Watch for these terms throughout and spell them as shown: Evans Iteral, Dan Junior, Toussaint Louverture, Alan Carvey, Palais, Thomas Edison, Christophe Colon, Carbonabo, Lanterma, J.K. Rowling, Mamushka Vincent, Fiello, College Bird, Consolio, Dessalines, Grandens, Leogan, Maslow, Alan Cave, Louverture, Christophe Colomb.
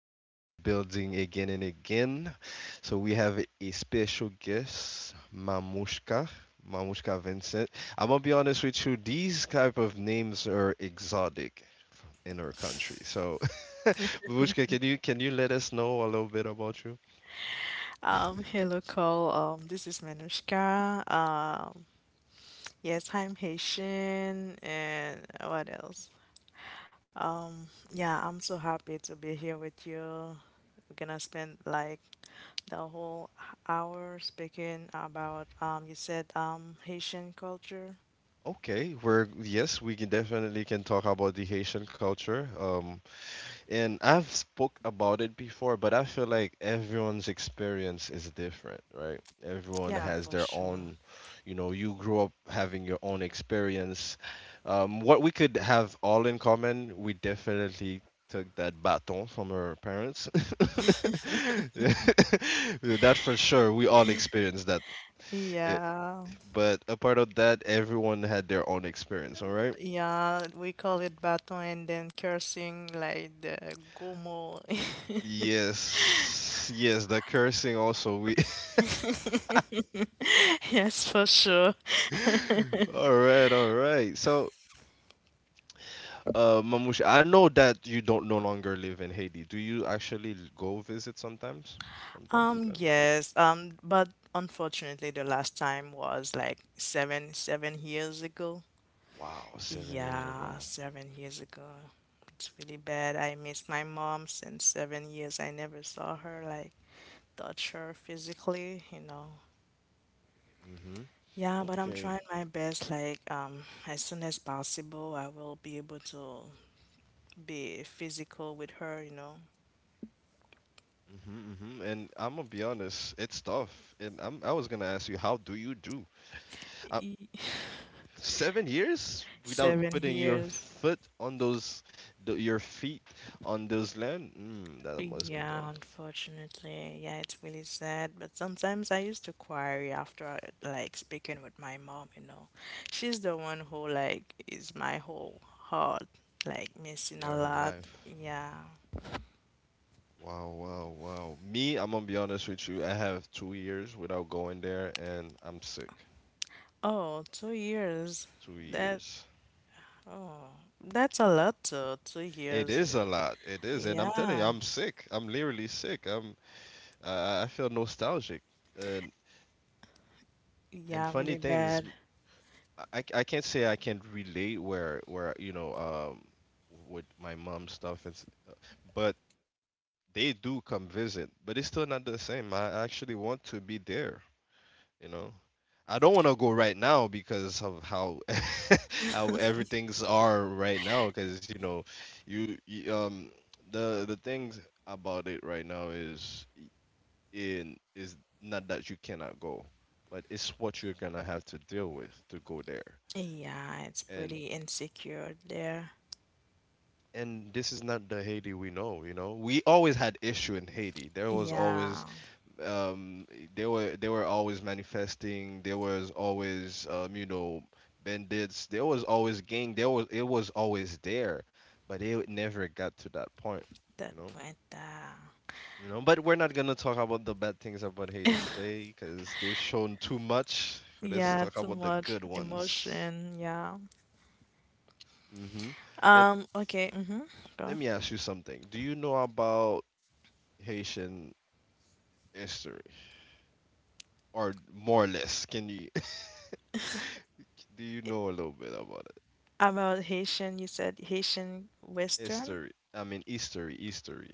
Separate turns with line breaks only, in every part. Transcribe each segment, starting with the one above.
We in the building again and again. So we have a special guest, Mamushka, Mamushka Vincent. I'm gonna be honest with you, these type of names are exotic in our country. So Mamushka, can you let us know a little bit about you?
Hello, Cole. This is Manushka. Yes, I'm Haitian, and what else? Yeah, I'm so happy to be here with you. We're gonna spend like the whole hour speaking about you said Haitian culture.
Okay, we're yes, we can definitely can talk about the Haitian culture. And I've spoke about it before, but I feel like everyone's experience is different, right? Everyone
Yeah,
has
for
their
sure.
own, you know, you grew up having your own experience. What we could have all in common, we definitely took that baton from our parents. That for sure, we all experienced that. Eh,
Yeah,
but apart of that, everyone had their own experience, all right?
yeah, we call it baton and then cursing like the gomo.
Yes, yes, the cursing also. We.
Yes, for sure.
All right, all right. So, Mamouche, I know that you don't no longer live in Haiti. Do you actually go visit sometimes, from time to time?
Yes, but unfortunately, the last time was like 7 years ago.
Wow, 7 years
Yeah,
ago.
7 years ago. It's really bad. I miss my mom since 7 years. I never saw her, like, touch her physically, you know.
Mm-hmm.
Yeah, but I'm
Okay.
trying my best. Like, as soon as possible, I will be able to be physical with her, you know.
Mm-hmm, mm-hmm. And I'm gonna be honest, it's tough. I was gonna ask you, how do you do? Uh, 7 years without
Seven
putting your
years.
foot on those, th your feet on those land? Mm, that must be
Yeah,
tough.
unfortunately. Yeah, it's really sad. But sometimes I used to quarry after like speaking with my mom, you know. She's the one who like is my whole heart, like missing a
Your
lot.
life.
Yeah.
Wow, wow, wow. Me, I'm gonna be honest with you. I have 2 years without going there, and I'm sick.
Oh, 2 years.
Two
That
years.
oh that's a lot though, two
It
years.
is a lot. It is, and I'm telling you,
Yeah.
I'm sick. I'm literally sick. I'm. I feel nostalgic. And and
Yeah,
funny
really
things.
bad.
I can't say I can relate where with my mom stuff but they do come visit, but it's still not the same. I actually want to be there. You know, I don't want to go right now because of how how everything's are right now, because you know you, you the things about it right now is y- in is not that you cannot go, but it's what you're gonna have to deal with to go there.
Yeah, it's
And
pretty insecure there.
this is not the Haiti we know, you know. We always had issue in Haiti, there was always
Yeah,
um they were always manifesting, there was always bandits, there was always gang, there was, it was always there, but it never got to that point.
that
You know,
point.
you know, but we're not gonna talk about the bad things about Haiti today because they've shown too much, so let's
Yeah,
talk
too
about the
much
good ones.
emotion. Yeah.
Mm-hmm. And
Okay. Mm-hmm.
let
Go.
me ask you something. Do you know about Haitian history, or more or less can you do you know a little bit about?
About Haitian, you said Haitian Western,
History. I mean, history, history.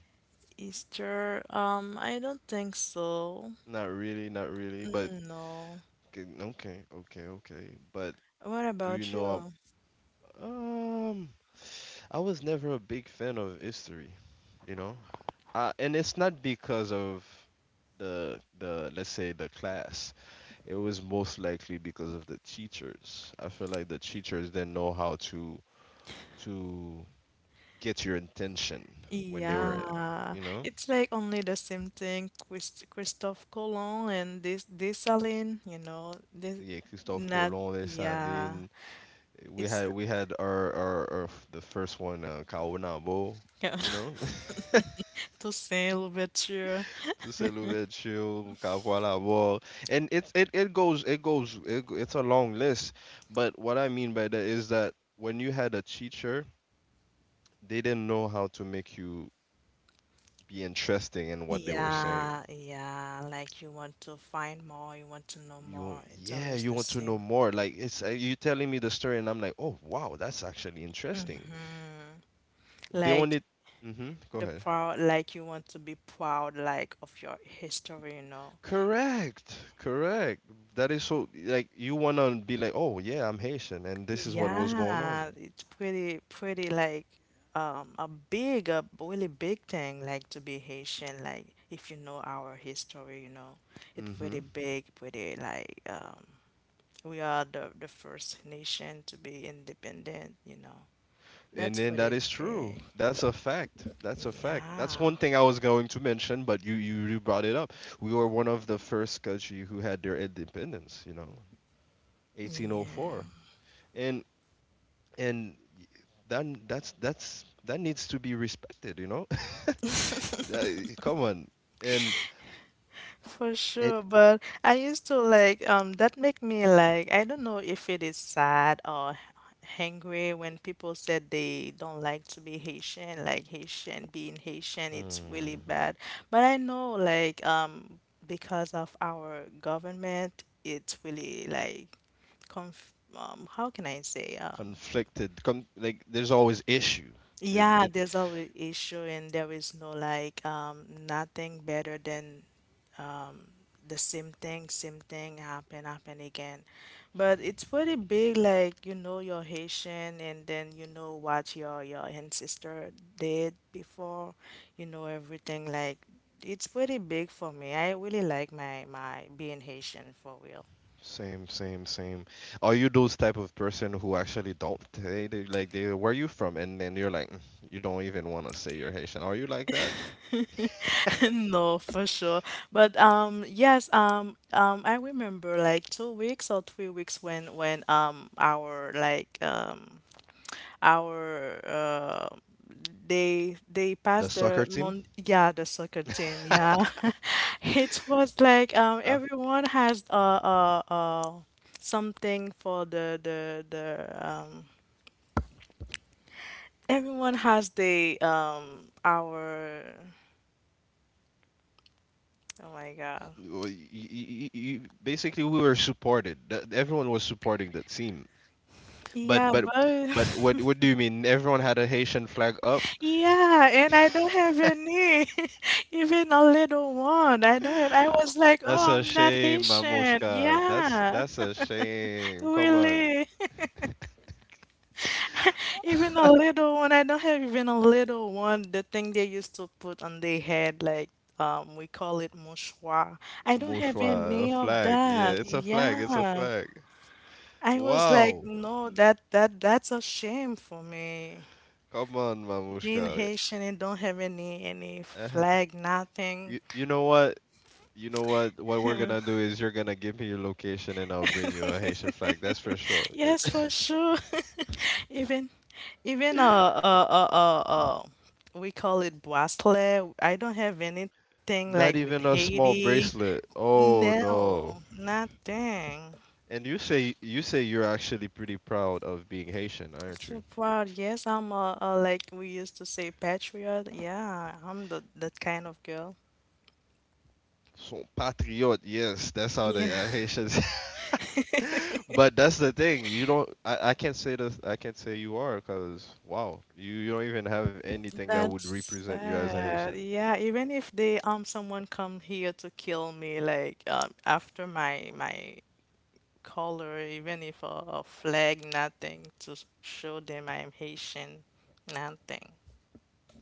Easter. I don't think so.
Not really, not really, but
Mm, no.
okay, okay, okay. But
What
do you
about
know?
you?
ab- Um, I was never a big fan of history, you know. And it's not because of the let's say the class. It was most likely because of the teachers. I feel like the teachers didn't know how to get your attention when they were,
Yeah,
you know.
it's like only the same thing. Christophe Colon and this Dessalines, you know, this
Yeah, Christophe
not.
Colomb, les,
Yeah, it's
we had our the first one, Carbonabo,
yeah.
you know,
Toussaint Louverture.
To say Louverture, Carbonabo, and it's it goes, it's a long list. But what I mean by that is that when you had a teacher, they didn't know how to make you be interesting in what they were saying.
Yeah, yeah, like you want to find more, you want to know
You want-
more. It's
yeah,
always
you
the
want to know
same.
more. Like it's you telling me the story, and I'm like, oh wow, that's actually interesting.
Mhm.
The
Like
only mm-hmm, go
the
ahead.
proud, like you want to be proud, like of your history, you know.
Correct, correct. That is so like you wanna be like, oh yeah, I'm Haitian, and this is what was going
Yeah,
on.
it's pretty like a big, a really big thing, like to be Haitian. Like if you know our history, you know, it's
Hmm.
pretty big, pretty like we are the first nation to be independent, you know.
And
That's
then that
pretty
is true.
big.
That's a fact. That's a fact. That's
Yeah.
one thing I was going to mention, but you brought it up. We were one of the first country who had their independence. You know,
Yeah,
1804, and and that's that needs to be respected. You know, That, come on, and
for
it.
sure. But I used to like that make me like I don't know if it is sad or hangry when people said they don't like to be Haitian, like Haitian being Haitian, it's really
Hmm.
bad. But I know like because of our government, it's really like conf how can I say
Conflicted, like there's always issue. it,
yeah,
it
there's always issue and there is no like nothing better than um the same thing happen again. But it's pretty big, like you know your Haitian and then you know what your ancestor did before, you know everything like it's pretty big for me. I really like my being Haitian for real.
Same, same, same. Are you those type of person who actually don't, they like, they where you from and then you're like, "Mm, you don't even want to say you're Haitian," are you like that?
No, for sure. But yes, I remember like 2 weeks or 3 weeks when our like our they
The
passed
soccer
the
team.
mon, yeah, the soccer team, yeah. It was like
Uh,
everyone has something for the everyone has the our oh my God.
well, basically we were supported. Everyone was supporting the team, but
Yeah
but
but
but what do you mean everyone had a Haitian flag up?
yeah, and I don't have any, even a little one. I don't have, I was like,
That's
oh,
a
I'm not
shame,
Haitian.
Mamushka. That's
Yeah,
that's a shame. Come on.
really. Even a little one, I don't have even a little one. The thing they used to put on their head, like, we call it mouchoir. I don't have
Mushwa, a
any of
flag.
that.
Yeah, it's a flag. It's a
Yeah.
flag.
I was like,
Wow.
no, that that's a shame for me.
Come on,
Being
Mamushka.
Haitian and don't have any
Eh,
flag, nothing.
You know what? You know what? What we're gonna do is you're gonna give me your location and I'll bring you a Haitian flag. That's for sure.
Yes, for sure. Even even uh uh uh uh, uh we call it Boisle. I don't have anything like with
Not even a small
Haiti.
bracelet. Oh
No,
no.
nothing.
And you say you're actually pretty proud of being Haitian, aren't
So
you?
proud. Yes, a like we used to say patriot. Yeah, I'm the that kind of girl.
So patriot, yes, that's how the
Yeah,
Haitians. But that's the thing. You don't. I can't say this. I can't say you are, cause wow, you don't even have anything that would
that's
represent you as a
sad.
Haitian.
Yeah, even if they someone come here to kill me, like after my color, even if a flag, nothing to show them I am Haitian, nothing.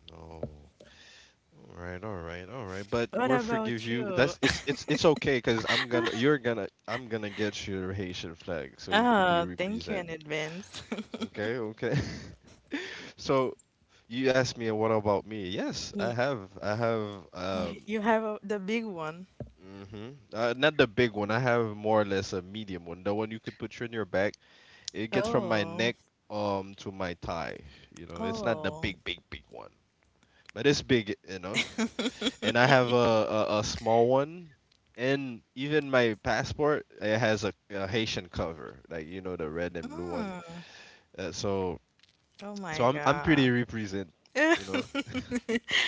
No. All right, all right, all right. But
What
we'll forgive
about
you.
you?
That's, it's okay, cause I'm gonna get you your Haitian flag, so you could be
Ah, thank you
represent.
in advance.
Okay, okay. So you asked me what about me? Yes,
You,
I have um
you have a, the big one.
uh, not the big one. I have more or less a medium one. The one you could put in your back. It gets from my
Oh,
neck to my thigh. You know, it's not the
oh,
big, big, big one, but it's big enough. And I have a small one. And even my passport, it has a Haitian cover, like you know, the red and blue one.
mm.
Uh, so
Oh
so
my
I'm pretty
God.
represent, you know.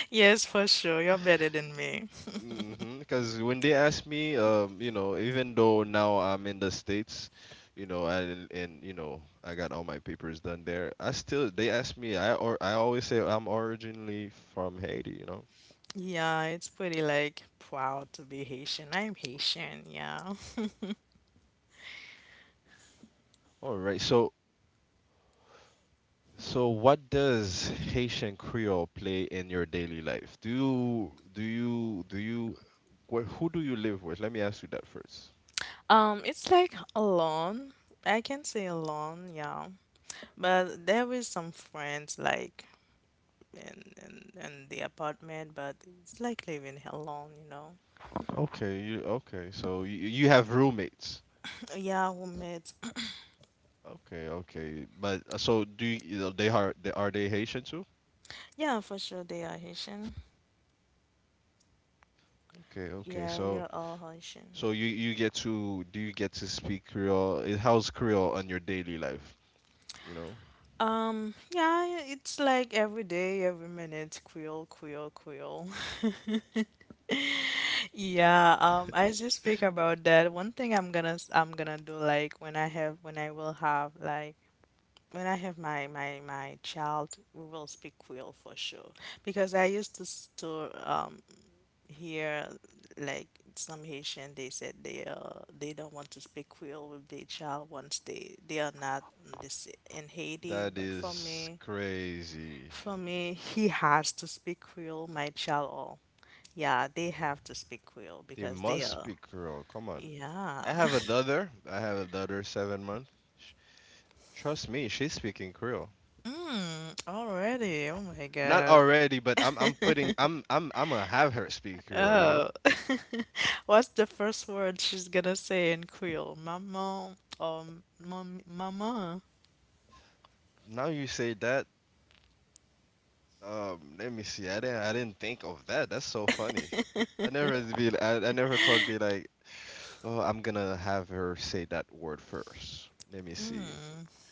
Yes, for sure. You're better than me.
Mm-hmm. Because when they ask me, you know, even though now I'm in the States, you know, and you know, I got all my papers done there. I still, they ask me. I, or I always say I'm originally from Haiti. You know.
Yeah, it's pretty like proud to be Haitian. I'm Haitian, yeah.
All right. So so what does Haitian Creole play in your daily life? Do you who do you live with? Let me ask you that first.
It's like alone. I can say alone, yeah. But there is some friends like in the apartment, but it's like living alone, you know.
Okay. You okay? So you have roommates.
Yeah, roommates.
Okay, okay. But so do you, you know, they are, are they Haitian too?
Yeah, for sure they are Haitian.
Okay, okay.
Yeah, we
So
are all Haitian.
so you get to do you get to speak Creole? Eh, how's Creole on your daily life? You know,
Yeah, it's like every day, every minute, Creole, Creole, Creole. Yeah, as you speak about that, one thing I'm gonna do like when I have when I will have like when I have my child, we will speak Creole for sure. Because I used to hear like some Haitian they said they don't want to speak Creole with their child once they are not in this in Haiti.
that
But
is crazy.
for me, he has to speak Creole. My child, all yeah, they have to speak Creole
They
because they
must
are
speak Creole. Come on.
yeah.
I have a daughter. I have a daughter, 7 months. Sh- Trust me, she's speaking Creole.
Mm, already. Oh my
Not
God.
already, but I'm putting I'm gonna have her speak Creole. You know.
Oh. What's the first word she's gonna say in Creole? Maman or mom, mama?
Now you say that let me see. I didn't think of that. That's so funny. I never thought be like, oh, I'm gonna have her say that word first. Let me see.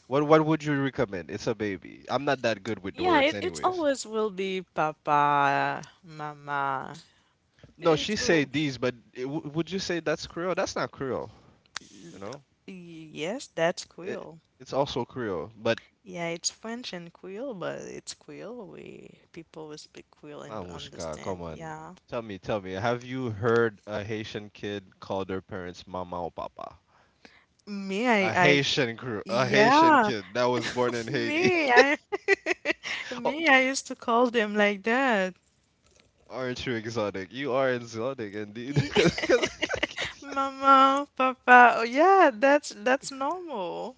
What would you recommend? It's a baby. I'm not that good with the
Yeah,
words,
it
anyways.
always will be papa, mama.
No, she
It
say
will.
these, but would you say that's Creole? That's not Creole. You know,
Yes, that's
it,
Creole.
it's also Creole. But
Yeah, it's French and Creole, but it's Creole. We people who speak Creole and
Mamushka, come
understand.
on.
Yeah.
Tell me, tell me. Have you heard a Haitian kid call their parents mama or papa?
Me, I, I,
A Haitian
yeah,
kid that was born in Haiti.
me, I,
Oh,
me, I used to call them like that.
aren't you exotic? You are exotic indeed.
Y-
'Cause, 'cause,
Mama, papa. Oh, yeah, that's normal.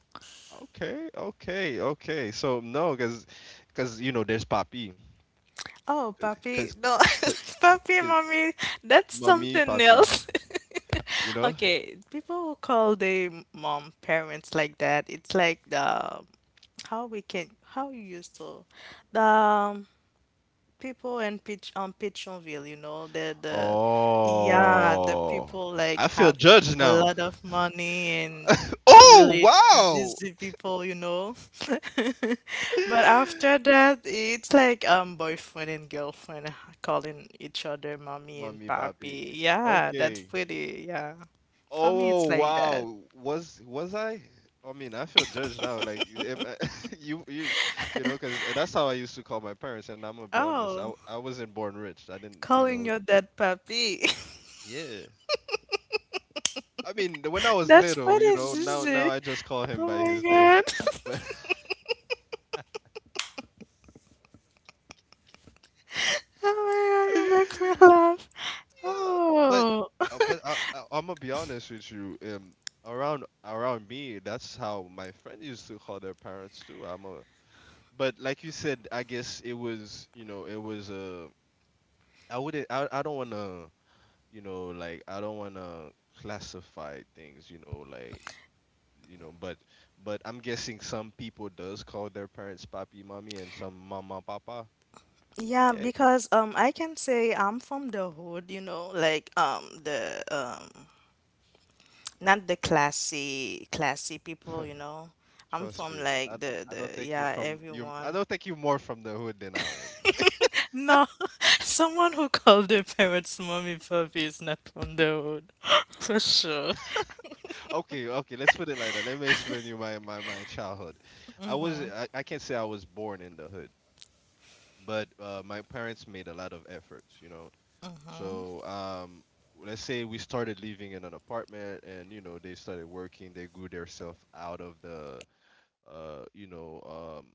okay, okay, okay. So no, because you know there's Papi,
Oh,
because
puppy. No, puppy,
because
mommy, that's
mommy
something
Papi,
else.
you know.
Okay, people who call their mom parents like that, it's like the how we can how you used to the people in Pitchonville, you know, the yeah, the
Oh,
people like
I feel
have
judged
a
now.
lot of money and
Oh
really
wow,
zizi people, you know. But after that, it's like boyfriend and girlfriend calling each other mommy and
mommy Papi.
papi. Yeah, that's
Okay.
pretty. Yeah. For me, it's
Oh
like that.
wow, was I? I mean, I feel judged now. Like am I, you, you, you know, because that's how I used to call my parents. And I'm gonna be honest,
Oh,
I wasn't born rich. I didn't, you
calling
know.
your dad papi.
Yeah, I mean, when I was
That's
little, you
pretty
know, now
zizi.
I just call him by
Oh my
his name.
God.
But yeah,
Oh my God, you make me laugh.
but
Oh,
but I'm gonna be honest with you. Around me, that's how my friend used to call their parents too. I'm a, but like you said, I guess it was, you know, it was a. I wouldn't. I don't wanna, you know, like I don't wanna classify things, you know, like you know, but I'm guessing some people does call their parents papi, mommy, and some mama, papa.
yeah,
Yeah,
because I can say I'm from the hood, you know, like the not the classy classy people, you know. I'm
trust
from
me.
like
I don't
the
think you
yeah
from you. I
everyone.
don't think you more from the hood than I am.
No, someone who called their parents mommy puppy is not from the hood, for sure.
Okay, okay. Let's put it like that. Let me explain you my childhood. I can't say I was born in the hood, but my parents made a lot of efforts, you know.
Hmm,
So um, let's say we started living in an apartment, and you know they started working. They grew themselves out of the, uh, you know, um,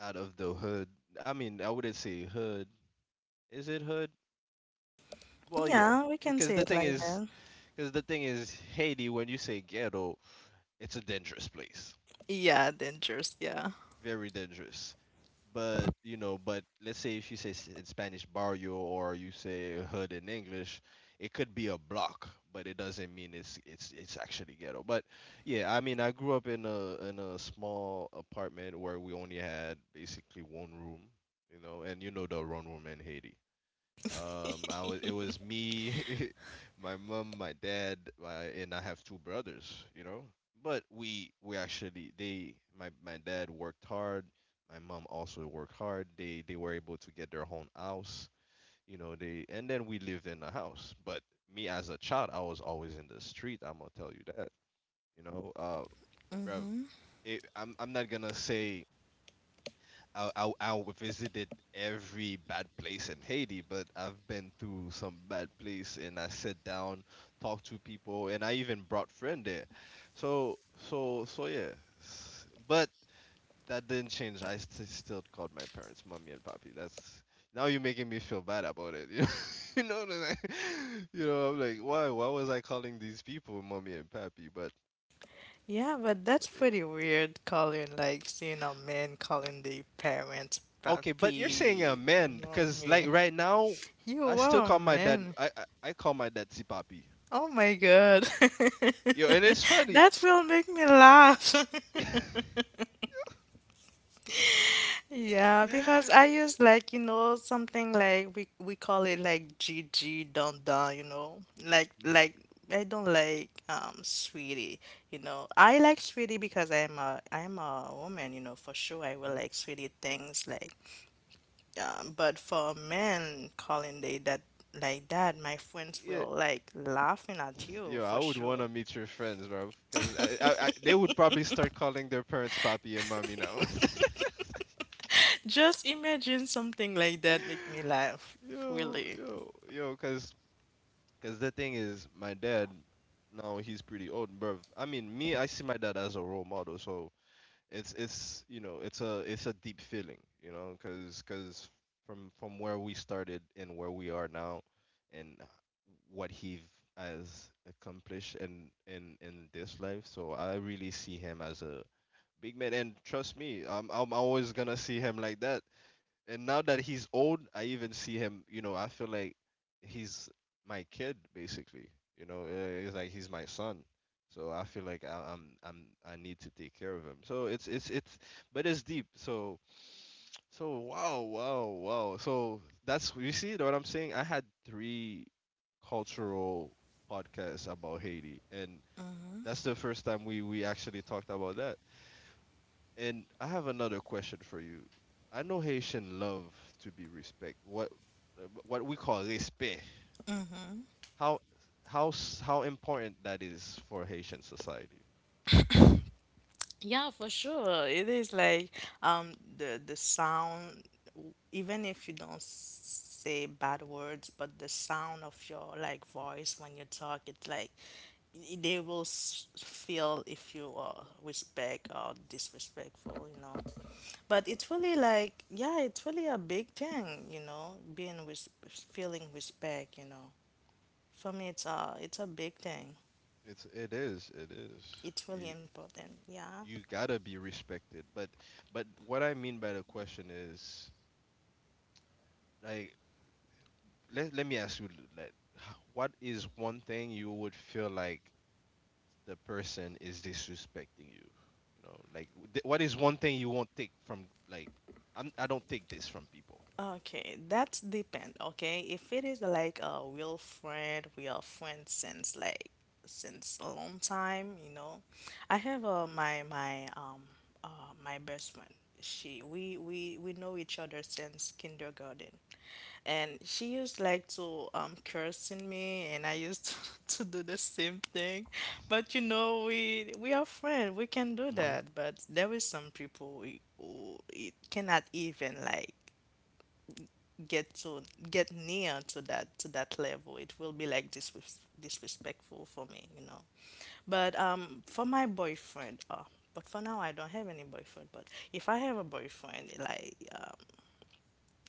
out of the hood. I mean, I wouldn't say hood. Is it hood? Well, yeah,
yeah, we can
because
say
the
it
thing
like
is,
that.
Haiti. When you say ghetto, it's a dangerous place.
Yeah, dangerous. Yeah.
Very dangerous. But you know, but let's say if you say in Spanish barrio or you say hood in English, it could be a block, but it doesn't mean it's actually ghetto. But yeah, I mean, I grew up in a small apartment where we only had basically one room, you know, and you know the one room in Haiti. I was It was me, my mom, my dad, my, and I have two brothers, you know. But we actually they my my dad worked hard, my mom also worked hard. They were able to get their own house, you know. They and then we lived in the house. But me as a child, I was always in the street. I'm gonna tell you that, you know. Bruv,
Mm-hmm.
I'm not gonna say I I visited every bad place in Haiti, but I've been through some bad place, and I sat down, talked to people, and I even brought friend there. So yeah, but that didn't change. I still called my parents mommy and papi. That's, now you're making me feel bad about it. You know what I'm like? You know, I'm like, why was I calling these people mommy and papi? But
Yeah, but that's pretty weird calling like seeing a man calling the parents
okay, but you're saying
papi. You
amen
know
because like
me.
right now, I
You
still
are a
call my dad.
man.
I call my dad si papi.
Oh my god.
Yo, and it's funny.
That will make me laugh. Yeah, because
Mhm,
I use like, you know, something like we call it like G G dun dun, you know. Like I don't like sweetie, you know. I like sweetie because I'm a woman, you know, for sure I will
mhm.
like sweetie things like but for men calling they that like that, my friends
Yeah,
will like laughing at you
yo, I
for
would want
sure.
to meet your friends, bro, because I they would probably start calling their parents papi and mommy now.
Just imagine something like that make me laugh,
Yo,
really.
yo, yo, because my dad now he's pretty old, bro. I mean, me, I see my dad as a role model, so it's you know it's a deep feeling, you know, because from where we started and where we are now and what he has accomplished in in this life. So I really see him as a big man, and trust me, I'm always gonna see him like that. And now that he's old, I even see him. You know, I feel like he's my kid basically. You know, it's like he's my son. So I feel like I I need to take care of him. So but it's deep. So wow. So that's, you see what I'm saying. I had three cultural podcasts about Haiti, and that's the first time we actually talked about that. And I have another question for you. I know Haitian love to be respect. What we call respect. How how important that is for Haitian society.
Yeah, for sure. It is like the sound, even if you don't say bad words, but the sound of your like voice when you talk, it's like they will feel if you are respect or disrespectful, you know. But it's really like yeah, it's really a big thing, you know, being feeling respect, you know. For me, it's a big thing.
It's it is it is.
It's really
You,
important. Yeah.
you gotta be respected. But what I mean by the question is, like, let let me ask you, like, what is one thing you would feel like the person is disrespecting you. You know, like what is one thing you won't take from, like, I don't take this from people.
Okay, that depend. Okay, if it is like a real friend, we are friends since like since a long time, you know. I have my best friend. She we know each other since kindergarten, and she used like to cursing me, and I used to, do the same thing. But you know, we are friends. We can do
Hmm.
that. But there is some people who it cannot even like get to get near to that level. It will be like disrespectful for me, you know. But for my boyfriend, oh, but for now I don't have any boyfriend. But if I have a boyfriend like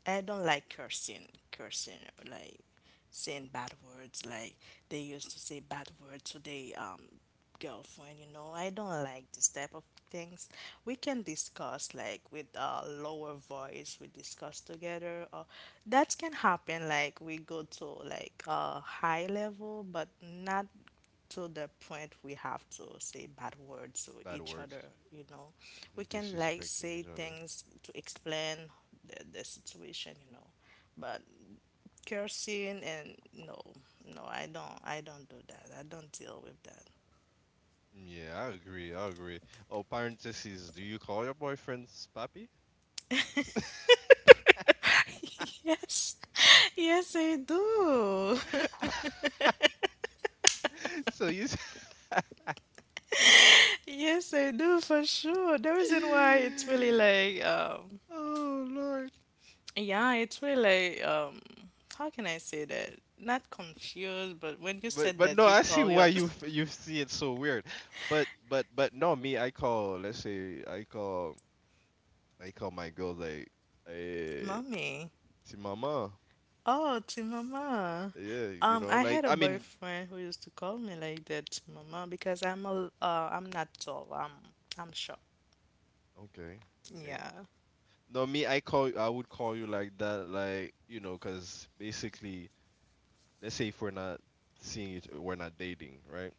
I don't like cursing, like saying bad words, like they used to say bad words to their girlfriend. You know, I don't like this type of things. We can discuss like with a lower voice. We discuss together. Or that can happen. Like we go to like a high level, but not to the point we have to say bad words to
Bad
each other,
words.
you know
Hmm.
we can like
Disrespecting each
say
other.
things to explain the situation. But cursing, and no, no, I don't do that. I don't deal with that.
Yeah, I agree. I agree. Oh, parentheses. Do you call your boyfriends papi?
Yes. Yes, I do.
So you.
Yes, I do, for sure. The reason why it's really like
Oh Lord.
yeah, it's really like how can I say that? Not confused, but when you said
But no,
that you
I see
call
why
your
you you see it so weird. But but no, me, I call. Let's say I call, I call my girls like, hey,
mommy.
see mama,
Oh, to mama.
yeah, you know,
I
like
had a
I mean,
boyfriend who used to call me like that, to mama, because I'm a I'm not tall. I'm short.
okay, okay.
Yeah.
No, me, I would call you like that, like you know, cause basically, let's say if we're not seeing it, we're not dating, right?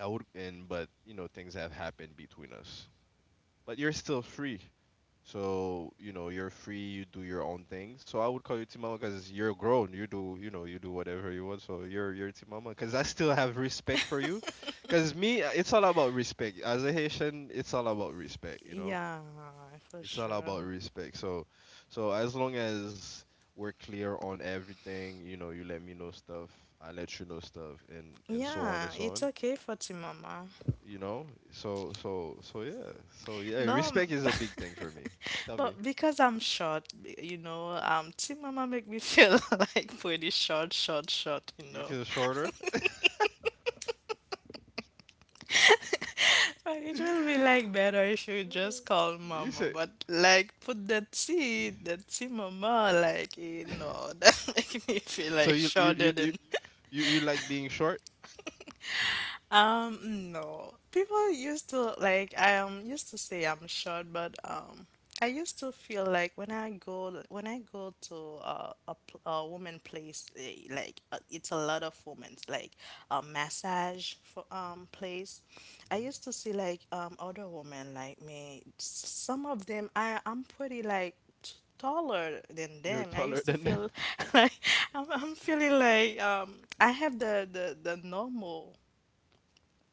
I would, and but you know, things have happened between us, but you're still free. So, you know, you're free, you do your own thing. So I would call you Timama because you're grown. You do, you know, you do whatever you want. So you're Timama because I still have respect for you. Because me, it's all about respect. As a Haitian, it's all about respect, you know?
Yeah, for
It's all
sure.
about respect. So so as long as we're clear on everything, you know, you let me know stuff, I let you know stuff, and
Yeah,
so
it's
on,
okay for Team Mama.
you know? So yeah. So yeah,
No,
respect is a big thing for me. Tell me.
but because I'm short, you know, Team Mama make me feel like pretty short, short, short, you
You
know.
feel shorter?
But it will be like better if you just call
You
mama,
say,
but like put that C mama, like you know, that make me feel
so
like
you you
shorter
you you
than,
you, you like being short?
no. People used to like I used to say I'm short, but I used to feel like when I go to a a woman place, like it's a lot of women's like a massage for place. I
Mhm.
used to see like other women like me. Some of them I'm pretty like taller than
You're
them. I
taller
used to
than them.
feel like I'm feeling like I have the normal,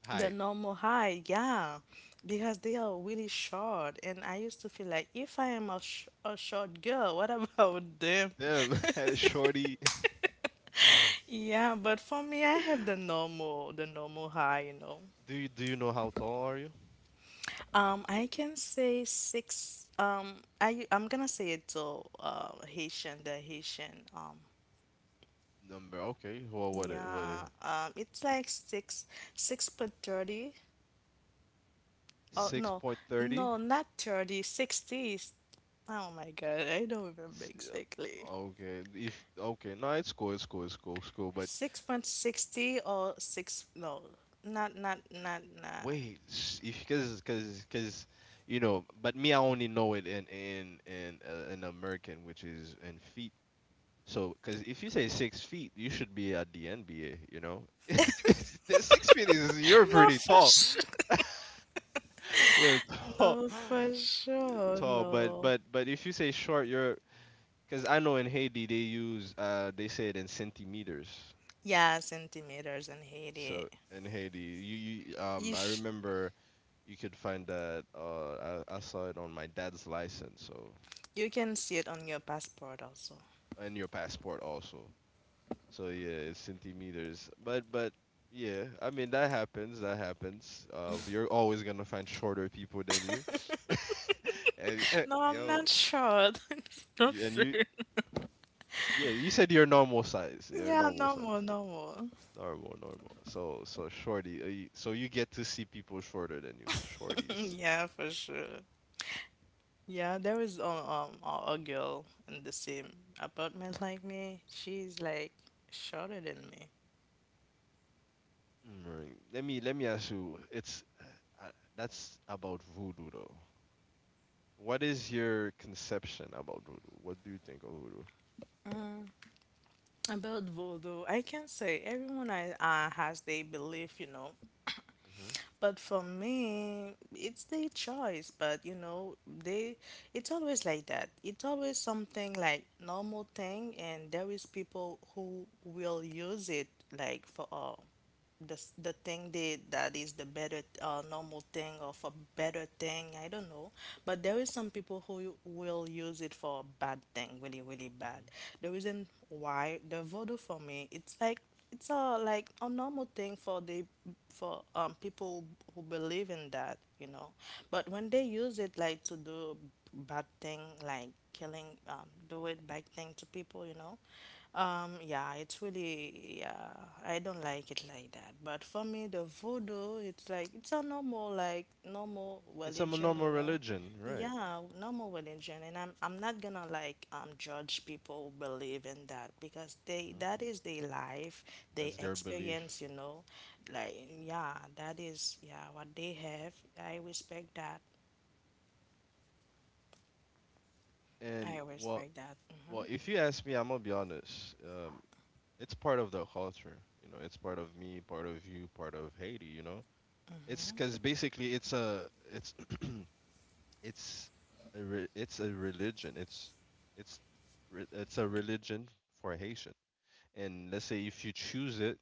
the
Height.
normal height, yeah, because they are really short, and I used to feel like if I am a, a short girl, what about them?
Them shorty.
Yeah, but for me, I have the normal height, you know.
Do you know how tall are you?
I can say six. I'm gonna say it to Haitian, the Haitian.
Number, okay. Well, what it
Yeah. It's like six six foot 30. Oh
six
no,
point thirty.
no, not 30, sixties. Oh my God, I don't remember exactly.
Okay, if okay, no, it's cool. But
6.60 or 6, no, not, not, not, not.
wait, if because you know, but me, I only know it in American, which is in feet. So, because if you say 6 feet, you should be at the NBA, you know? It's- the 6 feet is, you're
No,
pretty
for
tall.
sure.
You're tall,
No, for sure,
tall. But
no.
but if you say short, you're, because I know in Haiti they use they say it in centimeters.
Yeah, centimeters in Haiti.
So in Haiti, you, you
You
um I
sh,
remember you could find that I saw it on my dad's license. So
you can see it on your passport also.
and your passport also. So yeah, it's centimeters. But yeah, I mean that happens. That happens. You're always gonna find shorter people than you. And
No, I'm
yo,
not sure. It's not
y- and you
safe.
yeah, you said your normal size. Your
Yeah,
normal
no more,
size.
no more.
Normal, normal. So so shorty. So you get to see people shorter than you, shorties.
Yeah, for sure. Yeah, there is a a girl in the same apartment like me. She's like shorter than me.
Right. Let me ask you. It's that's about voodoo though. What is your conception about voodoo? What do you think of voodoo?
Mm, about voodoo, I can say everyone has their belief, you know. But for me, it's their choice. But you know, they, it's always like that. It's always something like normal thing, and there is people who will use it like for all, the the thing they that is the better, normal thing, or for better thing, I don't know. But there is some people who will use it for a bad thing, really really bad.
Hmm.
The reason why the voodoo for me it's like it's a like a normal thing for the, for people who believe in that, you know. But when they use it like to do bad thing, like killing, do it bad thing to people, you know. Yeah, it's really, yeah. I don't like it like that. But for me, the voodoo, it's like it's a normal, like normal
It's a
religion,
normal
you know.
religion, right?
Yeah, normal religion. And I'm not gonna like judge people who believe in that, because they,
Hmm.
that is their life, they
That's their belief.
experience, you know. Like, yeah, that is, yeah, what they have. I respect that. I
And well,
respect that.
well, if you ask me, I'm gonna be honest. It's part of the culture, you know. It's part of me, part of you, part of Haiti, you know. It's, because basically it's it's it's a religion. It's it's a religion for Haitian. And let's say if you choose it,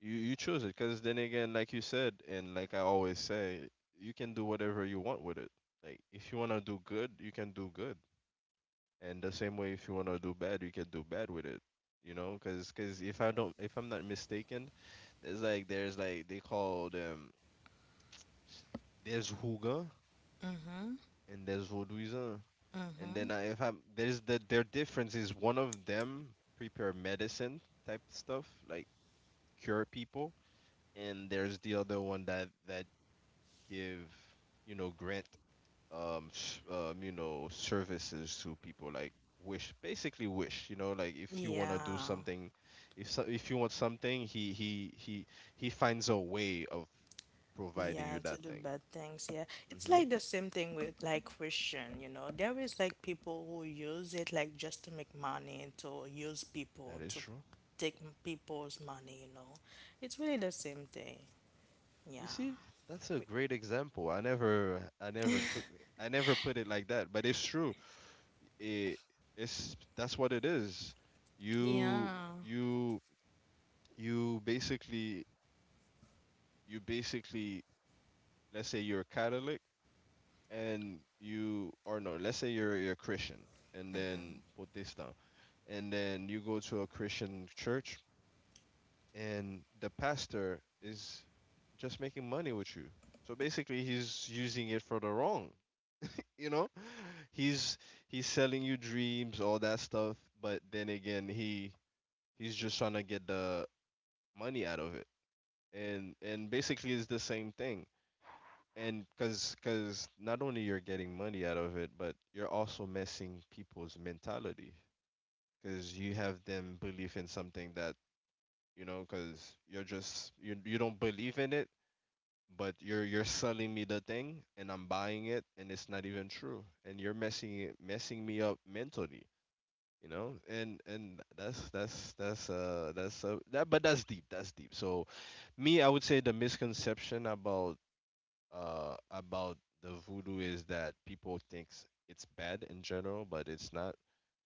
you choose it because, then again, like you said, and like I always say, you can do whatever you want with it. Like, if you want to do good, you can do good, and the same way, if you want to do bad, you can do bad with it. You know, because if I'm not mistaken, there's like they call them, s- there's Huga
Hmm.
and there's Vaudouisin. And
Hmm.
then I, if I'm there's the, their difference is, one of them prepare medicine type stuff, like cure people, and there's the other one that that give, you know, grant, you know, services to people, like wish, basically wish, you know, like if you want to do
Yeah,
something, if, so, if you want something, he he finds a way of providing
yeah,
you
to
that
do
thing.
bad things. Yeah, it's
Mm-hmm.
like the same thing with like Christian, you know. There is like people who use it like just to make money, to use people,
That is
to
true.
take people's money, you know. It's really the same thing.
You
Yeah.
see, that's a
We-.
great example. I never put it like that, but it's true. It it's That's what it is. you
Yeah.
you you basically, you basically, let's say you're a Catholic and you or no, let's say you're a Christian and then Protestant, and then you go to a Christian church and the pastor is just making money with you. So basically he's using it for the wrong. You know? He's he's selling you dreams, all that stuff, but then again, he he's just trying to get the money out of it. And basically it's the same thing. And because not only you're getting money out of it, but you're also messing people's mentality, because you have them believe in something that, you know, because you don't believe in it, but you're selling me the thing and I'm buying it and it's not even true, and you're messing it messing me up mentally, you know. And that's deep. So me, I would say the misconception about, uh, about the voodoo is that people thinks it's bad in general, but it's not.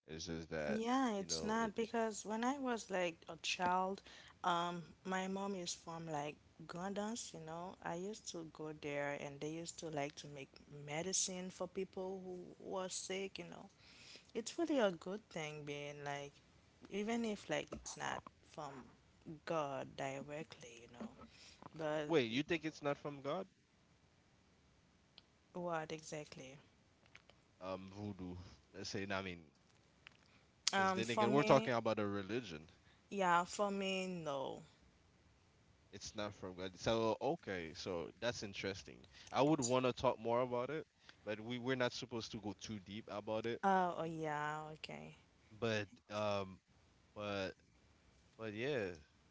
It's just that
Yeah,
you
it's
know it.
not because when I was like a child, my mom is from like Grandens, you know. I used to go there and they used to like to make medicine for people who were sick, you know. It's really a good thing being like, even if like it's not from God directly, you know. But
Wait, you think it's not from God?
what exactly?
Voodoo. Let's say. No, I mean, because then
For
again, we're talking
me,
about a religion.
yeah, for me, no.
It's not from God. So okay, so that's interesting. I would
It's,
want to talk more about it, but we're not supposed to go too deep about it.
oh, oh, yeah, okay.
But um, but But yeah,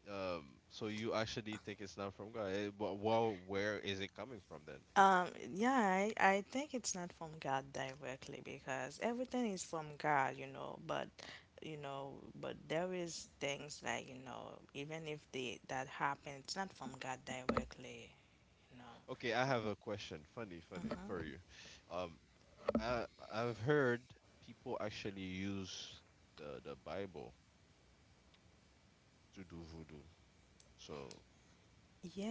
um, so you actually think it's not from God? Well, where is it coming from then?
Um, yeah, I think it's not from God directly because everything is from God, you know, but there is things like, you know, even if they that happen, it's not from God directly, you know.
Okay, I have a question. Funny, funny for
Hmm.
you. Um, I I've heard people actually use the Bible to do voodoo. So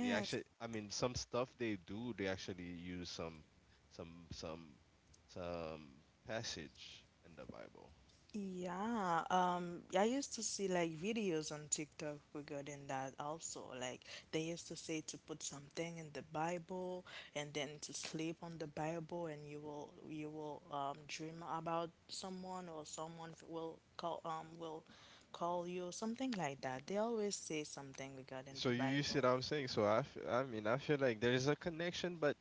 they actually, I mean, some stuff they do, they actually use some some some passage in the Bible.
Yeah, I used to see like videos on TikTok regarding that also. Like, they used to say to put something in the Bible, and then to sleep on the Bible, and you will, you will dream about someone, or someone will call you something like that. They always say something regarding
So
the
you see what
Bible.
I'm saying? So I mean, I feel like there is a connection, but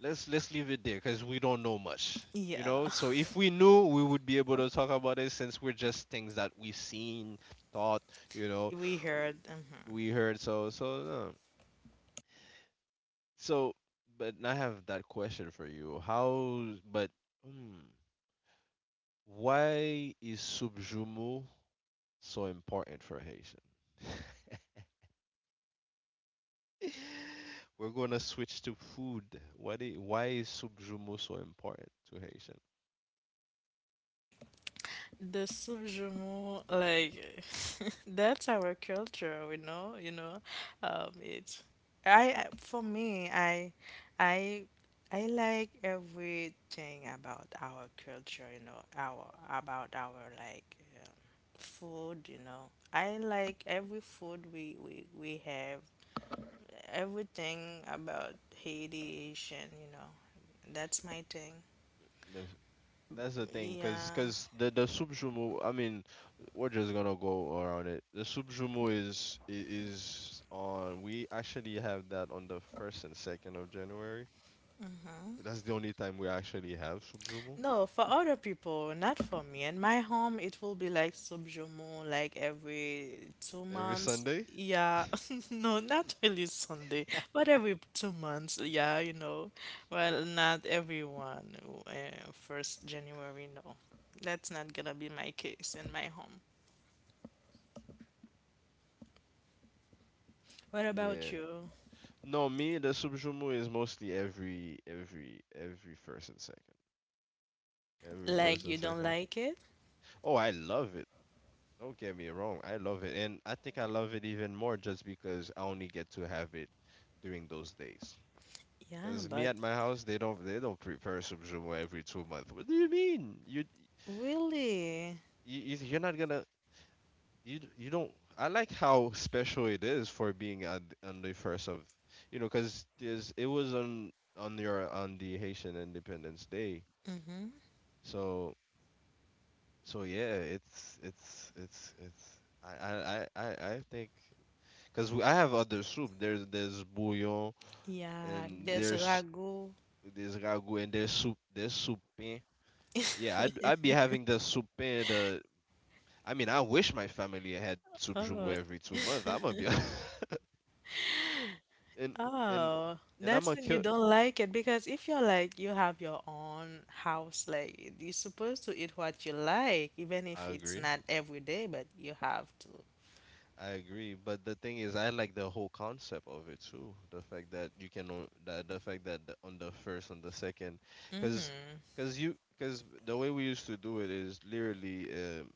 let's leave it there because we don't know much you
Yeah,
know so if we knew we would be able to talk about it, since we're just things that we've seen, thought, you know
we
w-
heard. Mhm.
we heard, so no. So, but I have that question for you. But hmm, why is subjumu so important for Haitian? We're gonna switch to food. Why is subjumu so important to Haitian?
The subjumo, like that's our culture, we know, you know. It's, for me, I i I like everything about our culture, you know, our, about our, like, food, you know. I like every food we have. Everything about Haitian, you know. That's my thing.
No, that's the thing, cause,
Yeah.
cause the the subjumu. I mean, we're just gonna go around it. The subjumu is on. We actually have that on the first and second of January. That's the only time we actually have subjumu
No, for other people, not for me. In my home, it will be like subjumo, like every two
every
months.
Sunday.
Yeah, no, not really Sunday, but every 2 months. Yeah, you know. Well, not everyone. First January, no. That's not gonna be my case in my home. What
Yeah.
about you?
No, me, the subjumu is mostly every first and second. Every first
Like,
and
you don't
second.
like it?
Oh, I love it. Don't get me wrong, I love it, and I think I love it even more just because I only get to have it during those days.
Yeah,
Cause me
but
at my house, they don't prepare subjumo every 2 months. What do you mean? You
really?
you you- are not gonna, you don't. I like how special it is for being at on the first of, cause there's it was on your on the Haitian Independence Day.
Mm-hmm.
So so yeah, it's I I I think, cause I have other soup. There's bouillon,
Yeah,
and
there's
there's
ragu.
there's ragu, and there's soup. Yeah, I'd be having the soup and the, I mean, I wish my family had soup jumbo
Oh.
every 2 months. I'm gonna be, and and
Oh,
and I'm
that's
gonna
when you
kill.
don't like it, because if you're like you have your own house, like you're supposed to eat what you like, even if
I
it's
agree.
not every day, but you have to.
I agree. But the thing is, I like the whole concept of it too. The fact that you can on- that the fact that the- on the first, on the second, cause cause the way we used to do it is literally, um,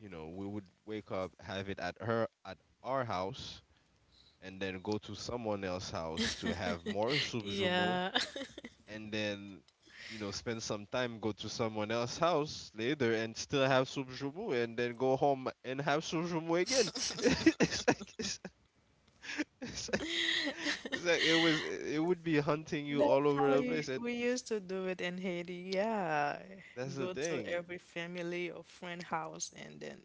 you know, we would wake up, have it at her at our house, and then go to someone else's house to have more subjumo,
Yeah,
and then, spend some time, go to someone else's house later, and still have subjumo, and then go home and have subjumo again. it's like it's, it's like, it's like it was it would be hunting you
that's
all
how
over the
you,
place. And
we used to do it in Haiti. Yeah,
that's the
go to
thing.
every family or friend house and then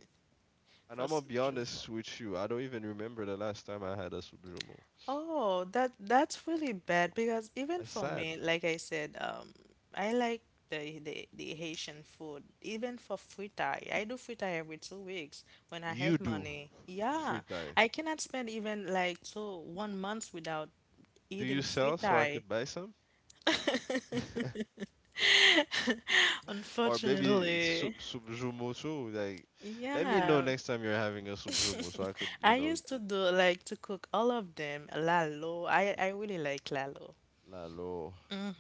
And
for
I'm gonna
soup
be honest
jumeau.
with you, I don't even remember the last time I had a subjumo.
Oh, that, that's really bad because even
That's
for
sad.
me, like I said, I like the Haitian food. Even for fritai, I do fritai every 2 weeks when I
You
have
do
money. Yeah,
free tie?
I cannot spend even like two one month without
Do
eating
you sell, so I
fritai.
could buy some? Or maybe it's
Unfortunately,
subjumo too. Like, let me know
yeah.
next time you're having a subjumo, so I could,
I used to do like to cook all of them. Lalo, I really like lalo.
lalo.
Mm.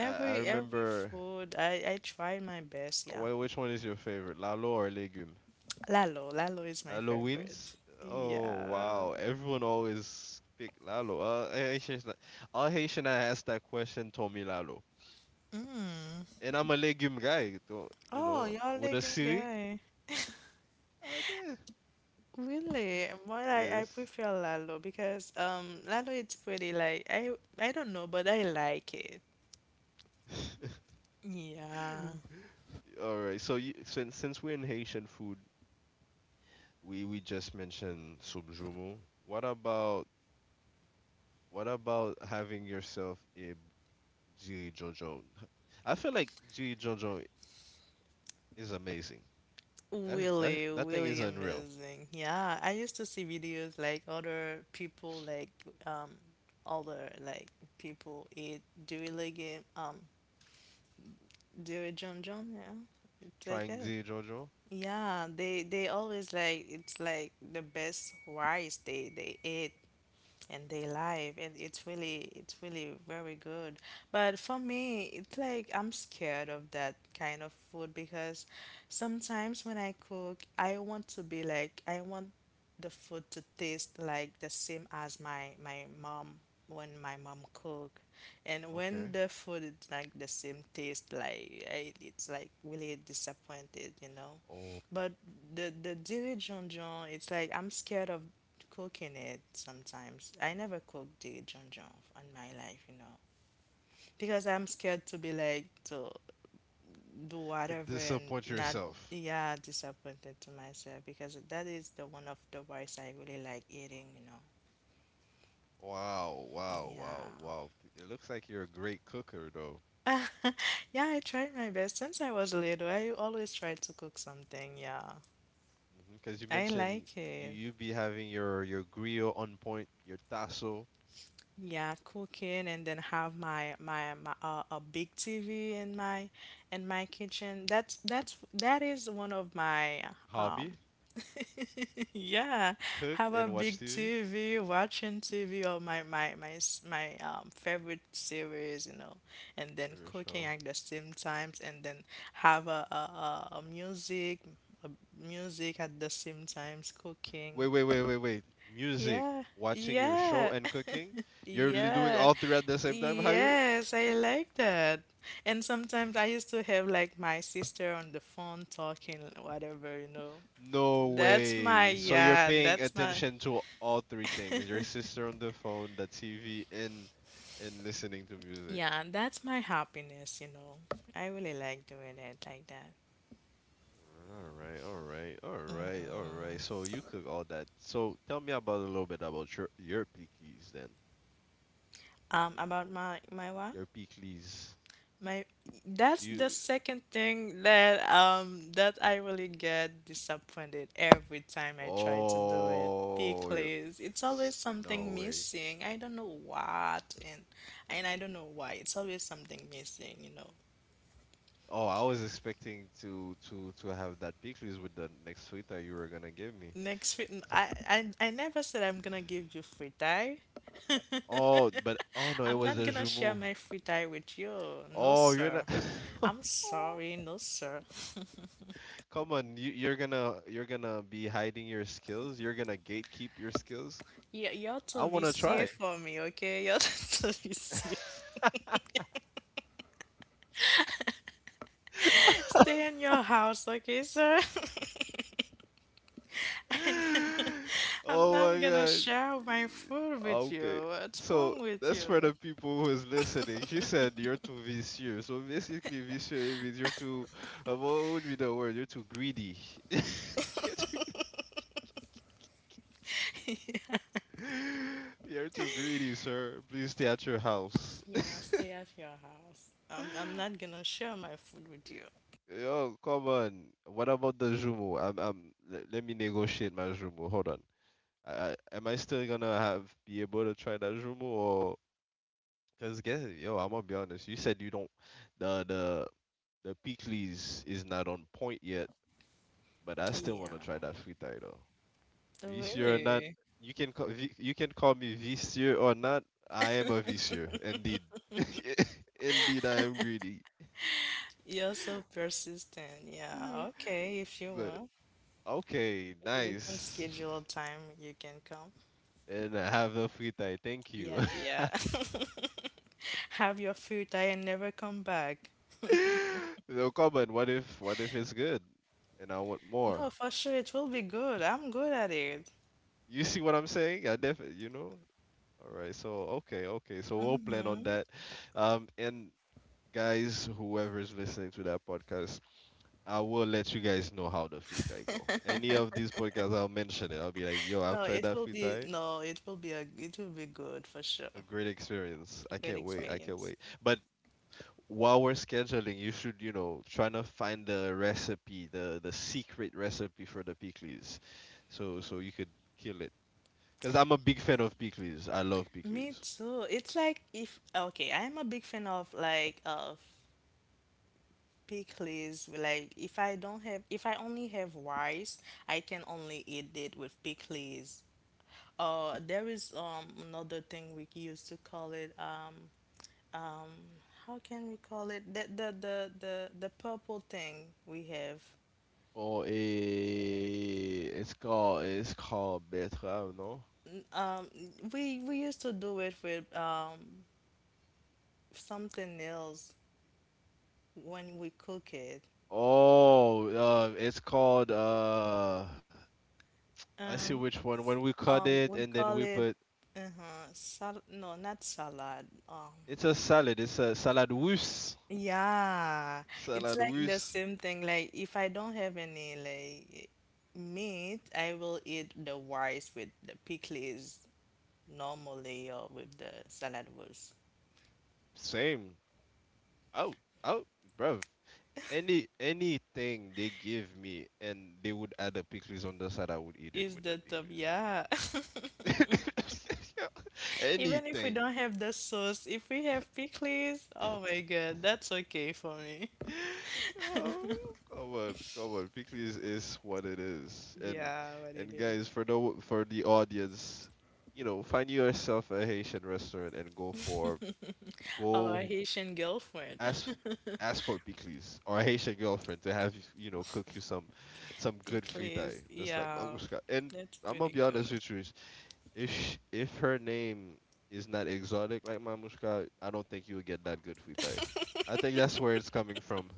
I
Every
remember.
food, I tried my best. Yeah,
Which one is your favorite, lalo or legume?
lalo, lalo is my
Lalo
favorite.
wins. Oh
Yeah.
wow! Everyone always pick lalo. All Haitian I asked that question told me lalo,
Mm.
and I'm a legume guy. Don't you
Oh,
know?
you all
With a
like him,
sirik,
guy.
ah, there.
Really? Well, I
Yes.
prefer lalo because lalo it's pretty like, I don't know, but I like it. Yeah,
All right. So you, since we're in Haitian food, we just mentioned Subjumu. What about what about having yourself a Jiri Jojo? I feel like Jiri Jojo is amazing. That that
really,
that thing is
really
unreal.
amazing. Yeah, I used to see videos like other people like um other like people eat durian legume, do it, John John, yeah. It's like
Trying
that.
Jiri Jojo.
Yeah, they always like it's like the best rice they eat, and they live, and it's really, it's really very good. But for me, it's like I'm scared of that kind of food, because sometimes when I cook I want to be like, I want the food to taste like the same as my my mom when my mom cook. And when
Okay.
the food is like the same taste, like I, it's like really disappointed, you know.
Oh,
But the dirigeon john, it's like I'm scared of cooking it sometimes. I never cooked the John John in my life, you know, because I'm scared to be like, to do
to
whatever and
disappoint
not,
yourself.
yeah, disappointed to myself because that is the one of the rice I really like eating, you know.
Wow, wow,
Yeah.
wow, wow. It looks like you're a great cooker though.
Yeah, I tried my best since I was little. I always tried to cook something. Yeah.
Because you
I
mentioned
like
you
it.
you be having your grill on point, your tasso,
Yeah, cooking and then have my my, my a big TV in my kitchen. That's that is one of my um
hobby,
yeah,
cook
have a
and watch
big
TV.
TV, watching TV or my favorite series, you know, and then
Your
cooking
show.
at the same times, and then have a music, a music at the same times cooking.
Wait, wait, wait, wait, wait. Music,
Yeah.
watching your show,
Yeah.
and cooking. Doing
Yeah.
all three at the same time, how you?
Yes, I like that. And sometimes I used to have like my sister on the phone talking, whatever, you know.
No
That's my,
way. So you're
yeah,
paying
that's my,
attention to all three things. Your sister on the phone, the TV, and listening to music.
yeah, that's my happiness, you know. I really like doing it like that.
All right, all right, all right, all right.
Mm-hmm.
So you cook all that. So tell me about a little bit about your pickles then.
About my my what?
Your pickles.
My, that's the
You.
second thing that that I really get disappointed every time I try to do it,
Oh.
because it's
S-
always
no
something
way.
missing. I don't know what. And I don't know why. It's always something missing, you know.
Oh, I was expecting to have that pictures with the next suite that you were gonna give me.
Next week, I never said I'm gonna give you free time.
Oh, but oh no, it
I'm
was
not
the
gonna share
Jumu.
my free time with you. No,
Oh, you're not.
sir. I'm sorry, no, sir.
Come on, you're gonna be hiding your skills. You're gonna gatekeep your skills.
You're
I
too
wanna
VCA
try.
for me, okay? You're too VCA. Stay in your house, okay, sir? I'm
Oh
not
my
gonna
god.
share my food
Ah,
with
okay.
you. What's
So
wrong with
that's
you?
for the people who is listening. She said you're too vicious. So basically vicious means you're too, what would be the word? You're too greedy. You're too. You're too greedy, sir. Please stay at your house.
Yeah, stay at your house. I'm not gonna share my food with you.
Yo, come on. What about the Jumo? Let me negotiate my Jumo. Hold on. Am I still gonna have be able to try that Jumo or? Cause guess, yo, I'm gonna be honest. You said you don't, the the The Peakley's is not on point yet, but I still
Yeah.
want to try that frita though. Vicieux or not,
Really?
you can call you can call me vicieux or not. I am a vicieux, indeed. Indeed, I am greedy.
You're so persistent.
Yeah.
Yeah, okay, if you
But
want.
okay,
We can
nice.
schedule a time you can come.
And I have the frita. Thank you.
Yeah, yeah. Have your food I and never come back.
No comment. What if it's good and I want more?
No, for sure, it will be good. I'm good at it.
You see what I'm saying? I definitely. All right. So okay, okay. So we'll plan on
Mm-hmm.
that. And guys, whoever's listening to that podcast, I will let you guys know how the fritai go. Any of these podcasts, I'll mention it. I'll be like, yo,
No,
I've tried
it
that
will be,
fritai.
no, it will be, a it will be good for sure.
A great experience.
A
I
great
can't wait. I can't
experience.
wait. But while we're scheduling, you should, trying to find the recipe, the secret recipe for the pickles, so you could kill it. Cause I'm a big fan of pickles. I love
Me
pickles.
too. It's like if okay, I'm a big fan of pickles. Like if I don't have if I only have rice, I can only eat it with pickles. There is another thing we used to call it um how can we call it the purple thing we have
Or a, it's called betterave, no?
um we used to do it with something else when we cook it.
Oh, it's called, I see
Um,
which one. When we cut it
we
and then we
call it
put,
uh-huh, sal no, not salad.
it's a salad. It's a salad russe.
Yeah, it's
Salad
like the
russe.
same thing. Like if I don't have any like meat, I will eat the rice with the pickles normally or with the salad was.
Same. Oh, oh, bruv. Anything they give me, and they would add the pickles on the side, I would eat it
Is
with
the top, yeah.
the pickles.
Even if we
Anything.
don't have the sauce, if we have pickles, oh my God, that's okay for me.
Oh, come on, come on. Pickles is what it is. And
Yeah, what it
and
is.
guys, for the audience, you know, find yourself a Haitian restaurant and
Our
go
Haitian
ask
girlfriend.
ask for Pickles, or a Haitian girlfriend to have you, you know cook you some good fritai,
Eclairs.
just like
Yeah,
Mamushka. And
that's
I'm gonna
really
be honest
good.
with you, if her name is not exotic like Mamushka, I don't think you would get that good futai. I think that's where it's coming from.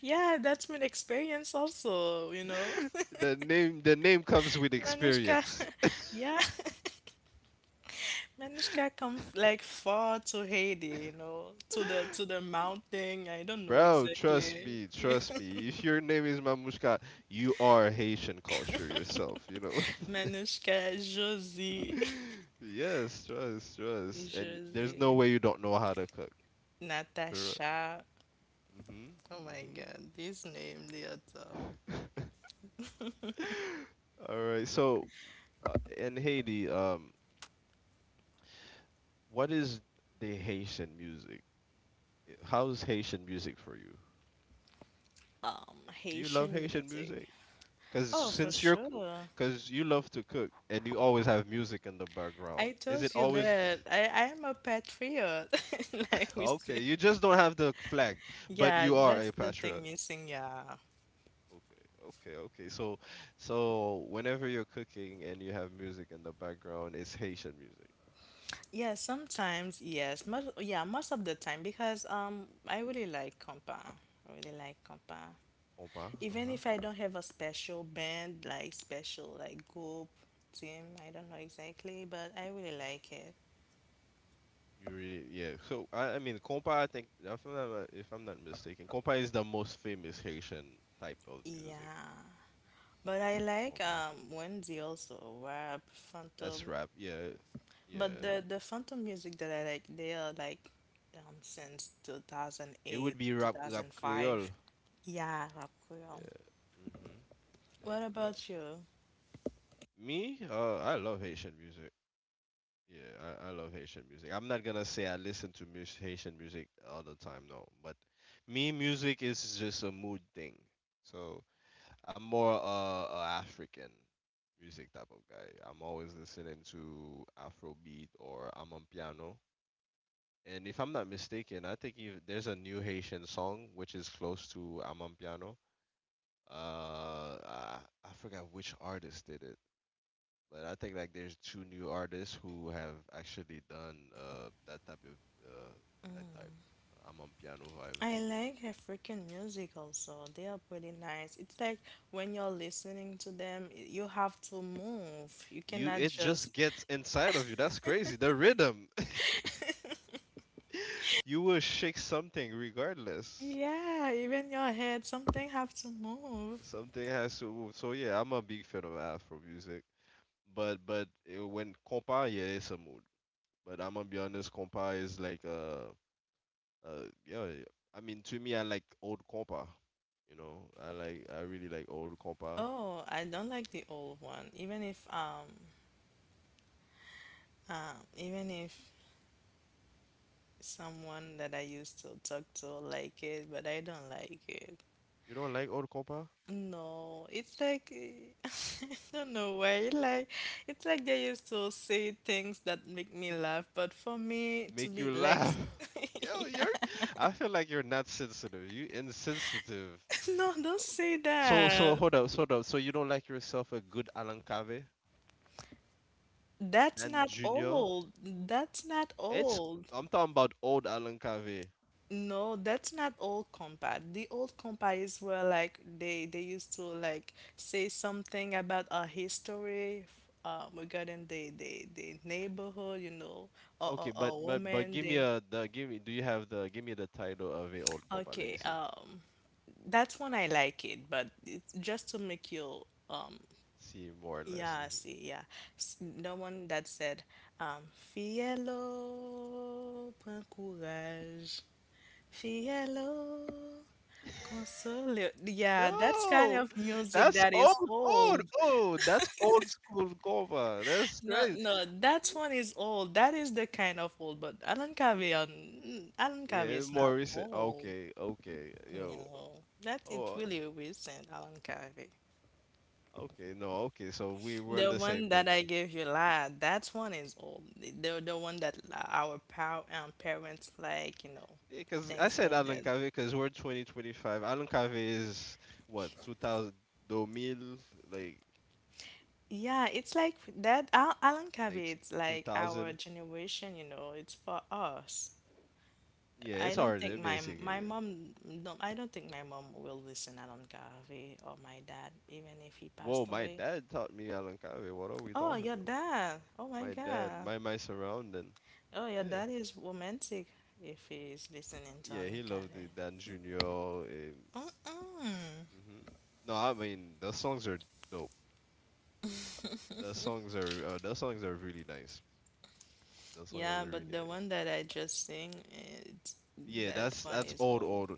Yeah, that's my experience also, you know.
The name comes with
Manushka.
experience.
Yeah. Manushka come f- like far to Haiti, you know, to the to the mountain. I don't know
Bro, trust
exactly.
me, trust me. If your name is Mamushka, you are Haitian culture yourself.
Manushka, Josie,
Yes, trust, trust. And there's no
Josie,
way you don't know how to cook. For real.
Natasha.
Hmm.
Oh my God, this name they are top.
All right. So, in Haiti, what is the Haitian music? How's Haitian music for you? Do you love
Haitian
Haitian
music.
music? Because
Oh, for
since you're,
sure.
because you love to cook and you always have music in the background,
I
is it
told you
always,
that I am a patriot, like we
okay?
say.
You just don't have the flag, but
Yeah,
you are
that's
a
the thing
patriot.
missing. Yeah,
Okay, okay, okay. So, whenever you're cooking and you have music in the background, it's Haitian music.
yeah. Sometimes yes, most of the time because I really like compa. I really like compa.
Compa, uh
Even
huh.
if I don't have a special band, like special like group team, I don't know exactly, but I really like it.
You really, yeah. So I mean, compa. I think if I'm not mistaken, compa is the most famous Haitian type of music.
Yeah. But I like
Compa.
Wendy also, rap,
That's
Phantom.
rap. Yeah, yeah.
But the Phantom music that I like, they are like since
It would
2008,
be rap,
2005.
Creole.
Yeah, rap Creole.
Yeah. Mhm. Rap
What
Creole.
about you?
Me, I love Haitian music. Yeah, I love Haitian music. I'm not gonna say I listen to Haitian music all the time, no. But me, music is just a mood thing. So I'm more African music type of guy. I'm always listening to Afrobeat, or I'm on piano. And if I'm not mistaken, I think if there's a new Haitian song which is close to I'm on piano. Uh, I, I forgot which artist did it, but I think like there's two new artists who have actually done that type of uh that type I'm on piano vibe.
I like African music also. They are pretty nice. It's like when you're listening to them, you have to move. You
You
cannot
it
just.
just gets inside of you. That's crazy. The rhythm. You will shake something regardless.
Yeah, even your head, something have to move.
Something has to move. So yeah, I'm a big fan of Afro music, but when compa, yeah, it's a mood. But I'm gonna be honest, compa is like yeah, yeah. I mean, to me, I like old compa. You know, I really like old compa.
Oh, I don't like the old one. Even if someone that I used to talk to like it, but I don't like it.
You don't like old compa?
No, it's like eh, I don't know why. Like it's like they used to say things that make me laugh, but for me to
Make you
be like,
laugh. Yo, you're. I feel like you're not sensitive. You insensitive.
no, don't say
So
that.
hold up, hold up. So you don't like yourself a good Alan Cave?
That's
Dan
not
Junior?
old. That's not
It's
old.
I'm talking about old Alan Cave.
No, that's not old compa. The old compa is where like they used to like say something about our history, regarding the neighborhood, you know,
Okay, but
or
but but
woman.
give me
They
a the give me do you have the give me the title of a old compa? Let me
okay.
see.
That's when I like it, but it's just to make you
See more or less.
yeah
Hmm.
see yeah. The one that said um Fiello, prends courage, Fiello. Consolio. Yeah, that's kind
No,
of music
that's
that is
old, old,
old.
old. That's old school compa. That's
No,
crazy.
no, that one is old. That is the kind of old, but Alan Carvey, are. Alan Carvey
Yeah,
is
more
not
recent.
old.
Okay, okay, yo.
No, that it
Oh,
really recent, Alan Carvey.
okay, no, okay. So we were on
The
the same
one that
page.
I gave you, lad, that one is old. The one that our pow parents like, you know,
Yeah, cause I
things
said
like
Alan
that.
Cave, cause we're 2025. Alan Cave is what 2000, 2000, like
Yeah, it's like that. Al Alan
like
Carvey, it's like our
2000.
generation, you know, it's for us.
Yeah, it's
I don't
harder
think my
basically.
my
Yeah.
mom, no, I don't think my mom will listen Alan Garvey or my dad, even if he
Whoa,
passed
my
away.
dad taught me Alankave. What are we
Oh,
talking
your
about?
dad. Oh my
My dad,
God.
my surrounding.
Oh, your
Yeah,
dad is romantic if he's listening to
yeah, he
Alan
loved the
Garvey.
Dan Junior.
Mm-mm.
Hmm No, I mean the songs are dope. The songs are really nice. The songs
Yeah,
are
but
really
the
nice.
one that I just sing, it's,
Yeah,
that
that's
one
that's
is
old
old.
old.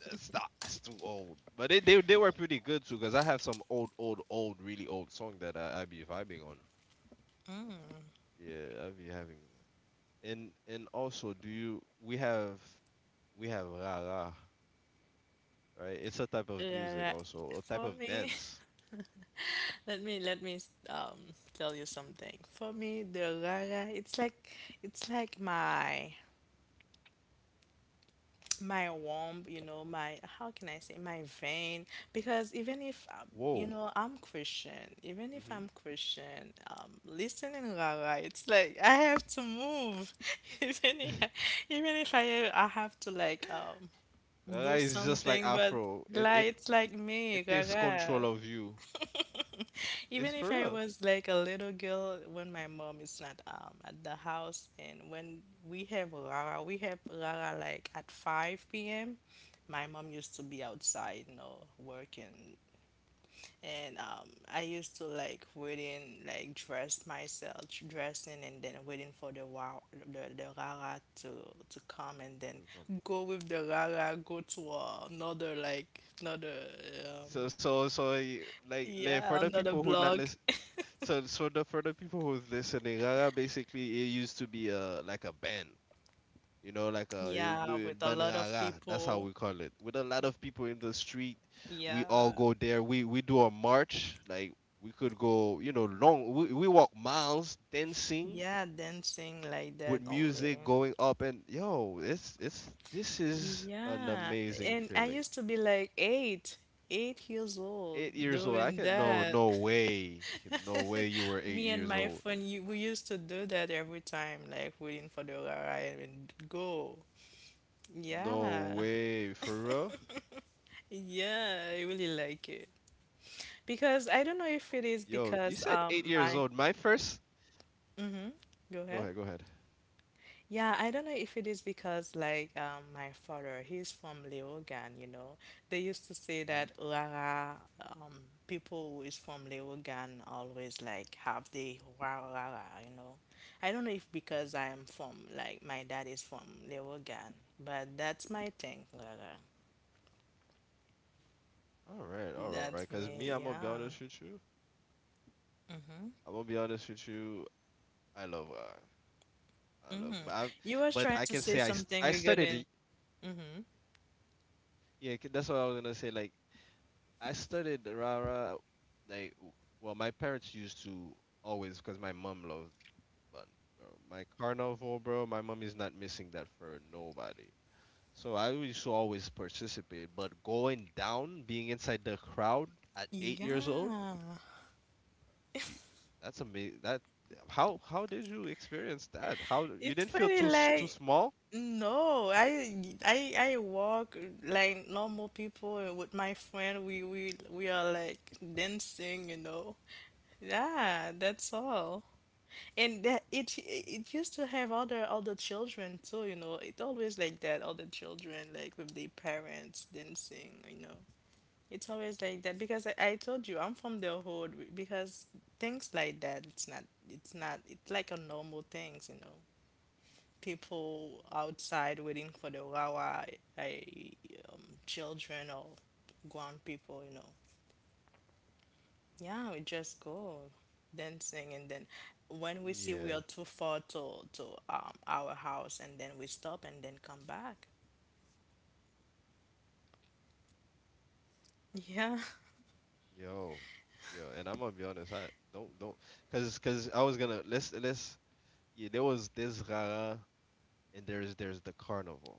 That's not- that's too old. But they were pretty good too, cause I have some old old old really old song that I be vibing on. Yeah, I be having. And also do you we have ra ra, right, it's a type of music,
Yeah,
also a type
for
of
me,
dance.
let me tell you something. For me, the rara, it's like my womb, you know, my how can I say my vein? Because even if you
Whoa.
know I'm Christian, even if
Mm-hmm.
I'm Christian, listening Rara, it's like I have to move, even if, even if I have to like
Ra ra
do
is just like
something, but
afro, it
like
it
it's like
it
me
takes control
Rara.
of you. It's
Even if
for
I
real.
was like a little girl when my mom is not at the house and when we have Rara like at 5 p.m. My
Hmm.
mom used to be outside, you know, working. And I used to like waiting, like dress myself, dressing, and then waiting for the wow, the Rara to come, and
To
then
come.
go with the Rara, go to another like another, um,
so so so y- like for the
yeah,
people
another
who not
block.
listen, so the for the people who's listening rara, basically it used to be a like a band, you know, like a
Yeah, with a lot of
banrara. That's how
people.
we call it. With a lot of people in the street, we all
Yeah.
go there. We do a march. Like we could go, you know, long. We walk miles dancing
Yeah, dancing like
with
that
music
only.
going up, and yo, it's this is an
Yeah.
amazing
And I
feeling.
used to be 8 years old
8 years old, I
doing
can no
that.
no way, no way you were eight
Me and
years
my
old.
friend, you, we used to do that every time, like waiting for the ride and go.
No
Yeah.
way, for real.
Yeah, I really like it. Because I don't know if
Yo,
it is
you said eight
because
years old. My
my
first.
mm-hmm.
Go
Go
ahead, go
ahead.
ahead.
Yeah, I don't know if it is because like my father, he's from Leogan, you know. They used to say that Rara, people who is from Leogan always like have the Rara, Rara, you know. I don't know if because I
Hmm.
am from like my dad is from Leogan, but that's my thing, Rara.
All right, all right. Cause
That's
me, I'm gonna
me,
be honest
yeah.
with you. I'm gonna be honest with you. I love God. I love,
Hmm. You
but
were
I can
trying to
say I,
say
st- I
something
started. It-
regarding,
Yeah, c- that's what I was gonna say. Like I started Rara. Like w- well, my parents used to always, cause my mom loved bun. Bro. My carnival, bro. My mom is not missing that for nobody. So I used to always participate. But going down, being inside the crowd at 8 years old,
yeah.
y- that's amazing. That how did you experience that? How
It's
you didn't
funny,
feel too s-
like.
too small?
No, I I walk like normal people and with my friend. We are like dancing, you know. Yeah, that's all.
Mhm.
And that it used to have other children too, you know. It always like that, other children like with their parents dancing, you know. It's always like that because I told you I'm from the hood because things like that it's not it's like a normal things, you know, people outside waiting for the wawa, I, children or grown people, you know. Yeah, we just go dancing, and then
Yeah,
when we see we are too far to our house, and then we stop and then come back. Yeah,
yo, yo, and I'm gonna be honest. I don't, cause cause I was gonna let's yeah. There was this Rara and the carnival.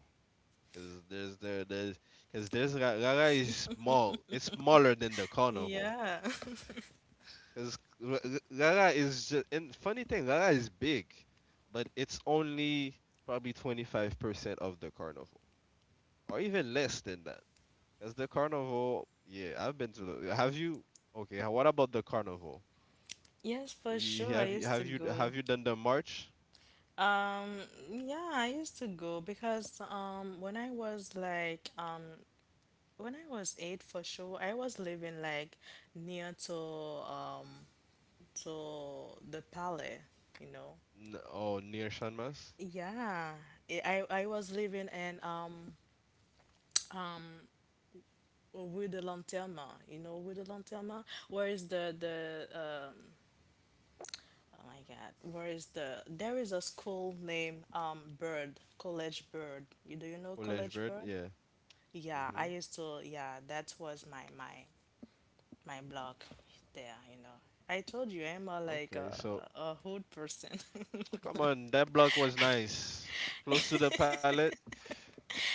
Cause there's the there's cause there's Ra- Rara is small. It's smaller than the carnival.
yeah.
Because Rara is just, and funny thing, Rara is big, but it's only probably 25% of the carnival, or even less than that. Because the carnival, yeah, I've been to the. Have you? Okay, h- what about the carnival?
Yes, for
You,
sure. I used to
have you
go.
done the march?
Yeah, I used to go because when I was eight, for sure, I was living like near to the Palais, you know.
N- oh, near Shanmas.
Yeah, I I was living in with the Lanterma, you know, with the Lanterma. Where is
Mhm.
the oh my God, where is the there is a school named Bird College Bird. You do you know
College
College
Bird,
Bird?
yeah.
Yeah, I
Mhm.
used to. Yeah, that was my my blog there, you know. I told you I'm a, like
Okay, so
a hood person.
come on, that block was nice, close to the palette.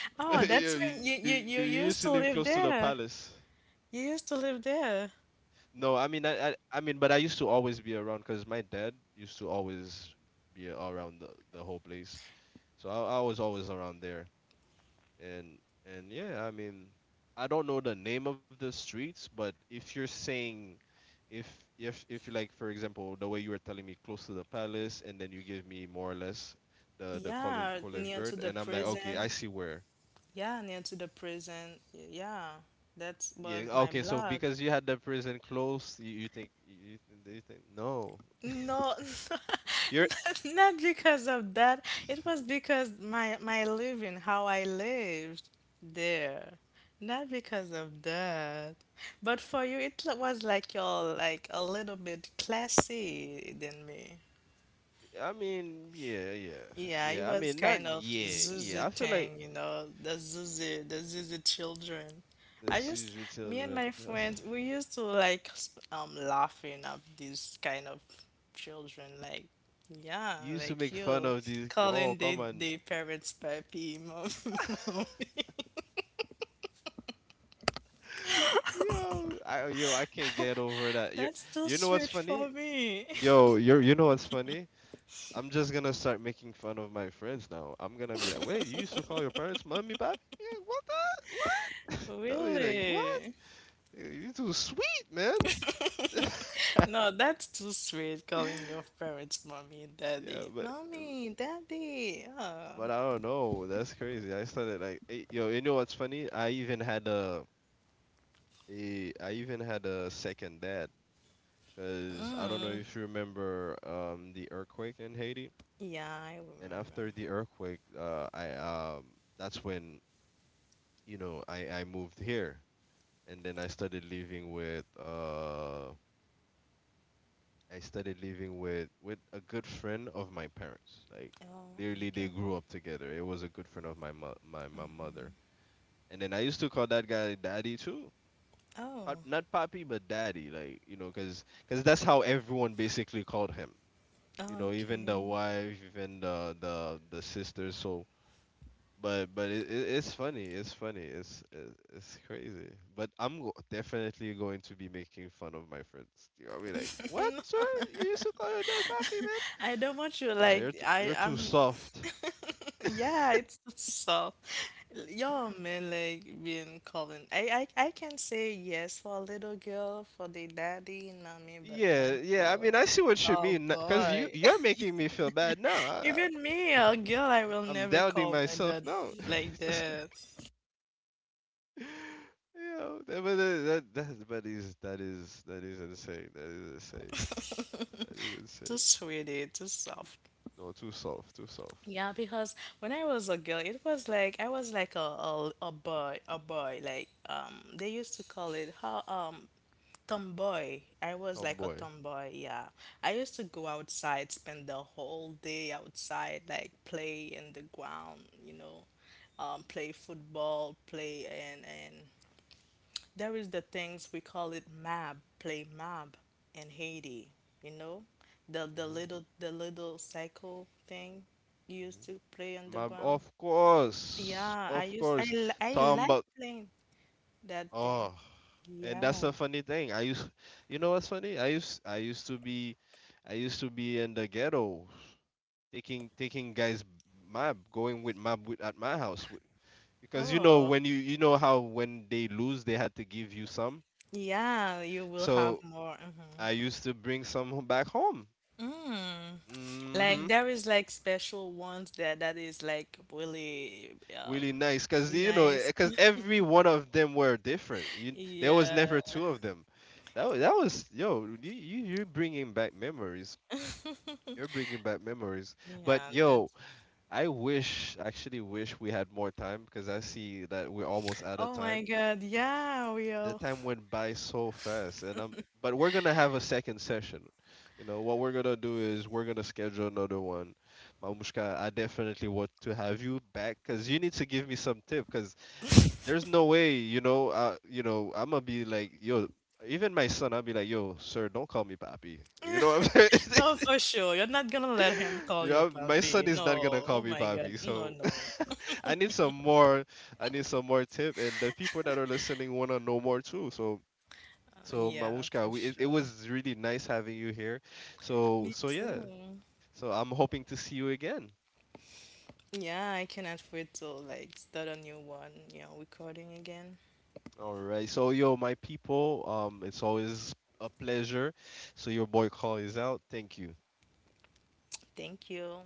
Oh,
you,
that's
you
when you,
used to
you
live
you
close to the
used to live
palace.
there. You used to live there.
No, I mean, I mean, but I used to always be around because my dad used to always be around the whole place. So I was always around there, and and yeah, I mean, I don't know the name of the streets, but if you're saying, if you like, for example, the way you were telling me close to the palace, and then you give me more or less the
Yeah,
college
near to
bird,
the
and I'm like, okay,
prison.
I see where.
Yeah, near to the prison. Yeah, that
Yeah,
was my
okay, so
blog.
because you had the prison close, you think you think no.
No,
You're.
not not because of that. It was because my living, how I lived there. Not because of that. But for you, it was like you're like a little bit classy than me.
I mean, yeah, yeah,
Yeah, it
yeah. I
was
mean, not
kind of
yeah,
Zuzu
yeah. I feel like
thing, you know, the Zuzu children. I
this
used,
usually
me and
children
my
just
friends, we used to like laughing at these kind of children, like yeah,
you used to
like
make fun
you
of these. Oh,
calling
come on.
the parents papi, mom.
Yo, I yo, I can't get over that. You
That's too
you know what's
sweet
funny?
for me.
Yo, you know what's funny? I'm just gonna start making fun of my friends now. I'm gonna be like, wait, you used to call your parents mommy, papi? Yeah, what the what? They'll be like, what?
Really?
You too sweet, man.
No, that's too sweet calling your parents mommy,
Yeah,
daddy. Mommy, daddy. Oh.
but I don't know. That's crazy. I started like, eh, yo, you know what's funny? I even had a I even had a second dad because I don't know if you remember the earthquake in Haiti.
Yeah, I
And
remember.
after the earthquake, I that's when you know I moved here, and then I started living with I started living with a good friend of my parents. Like
Oh,
literally, they
okay.
grew up together. It was a good friend of my mo- my mother. And then I used to call that guy daddy too. Pop,
Oh,
not papi, but daddy. Like, you know, because cause 'cause that's how everyone basically called him. You know, even the
okay.
wife, even the sisters. So, but it, it's funny. It's funny. It's it's crazy. But I'm go- definitely going to be making fun of my friends. You know, I'll be like, what, sir? You used to call your dad papi, man?
I don't want you
No,
like
you're, t- you're too
I'm
soft.
yeah, it's so. Y'all men like being calling. I can say yes for a little girl for the daddy and mommy, but
Yeah,
not
yeah. I
for
mean, I see what you
oh
mean. N- cause you
boy.
you're making me feel bad now. I,
Even me, a girl, I will
I'm
never
doubting
call my
myself
dad
now.
like
That's crazy.
that.
Yeah, that, but that, that that but is that is that is insane. That is insane. That is
Too
insane.
sweetie, too
Too,
soft.
no, too soft, too soft.
Yeah, because when I was a girl, it was like I was like a boy, a boy. Like they used to call it how tomboy. I was like a
Tomboy.
tomboy. Yeah, I used to go outside, spend the whole day outside, like play in the ground. You know, play football, play and there is the things we call it mab, play mab in Haiti, you know? The
Hmm.
little the little cycle thing you used
Hmm.
to play on the
My,
ground.
of course,
Yeah, I
of
used I
course.
li- I
Tom,
like
but
playing that thing.
oh, and
Yeah.
that's a funny thing. I used, you know what's funny? I used to be, I used to be in the ghetto, taking guys map, going with map with, at my house because you know
Oh,
when you know how when they lose they had to give you some.
yeah, you will have
So
more.
I
Hmm.
used to bring some ho- back home.
Mm. Like
Hmm.
there is like special ones that that is like really
Really nice because you know
nice.
because every one of them were different you there was
Yeah.
never two of them. That was Yo you, you you're bringing back memories. You're bringing back memories. But
Yeah,
yo,
that's.
I wish actually wish we had more time because I see that we're almost out of
Oh my
time.
God, yeah,
The
will.
time went by so fast and I'm but we're gonna have a second session. You know what we're gonna do is we're gonna schedule another one. Mamushka, I definitely want to have you back because you need to give me some tip because there's no way, you know, you know I'm gonna be like yo, even my son I'll be like yo sir, don't call me papi, you know what I'm
No,
saying?
for sure. You're not gonna let him call you
Yeah, my
puppy.
son is
No,
not gonna call
oh
me
my God,
papi,
no,
so
no.
I need some more. I need some more tip, and the people that are listening wanna know more too. So so
Yeah,
Mamushka,
for
we, it
sure.
was really nice having you here. So
Me
so yeah.
too.
So I'm hoping to see you again.
Yeah, I cannot wait to like start a new one, you know, recording again.
All right. So yo, my people, it's always a pleasure. So your boy call is out. Thank you.
Thank you.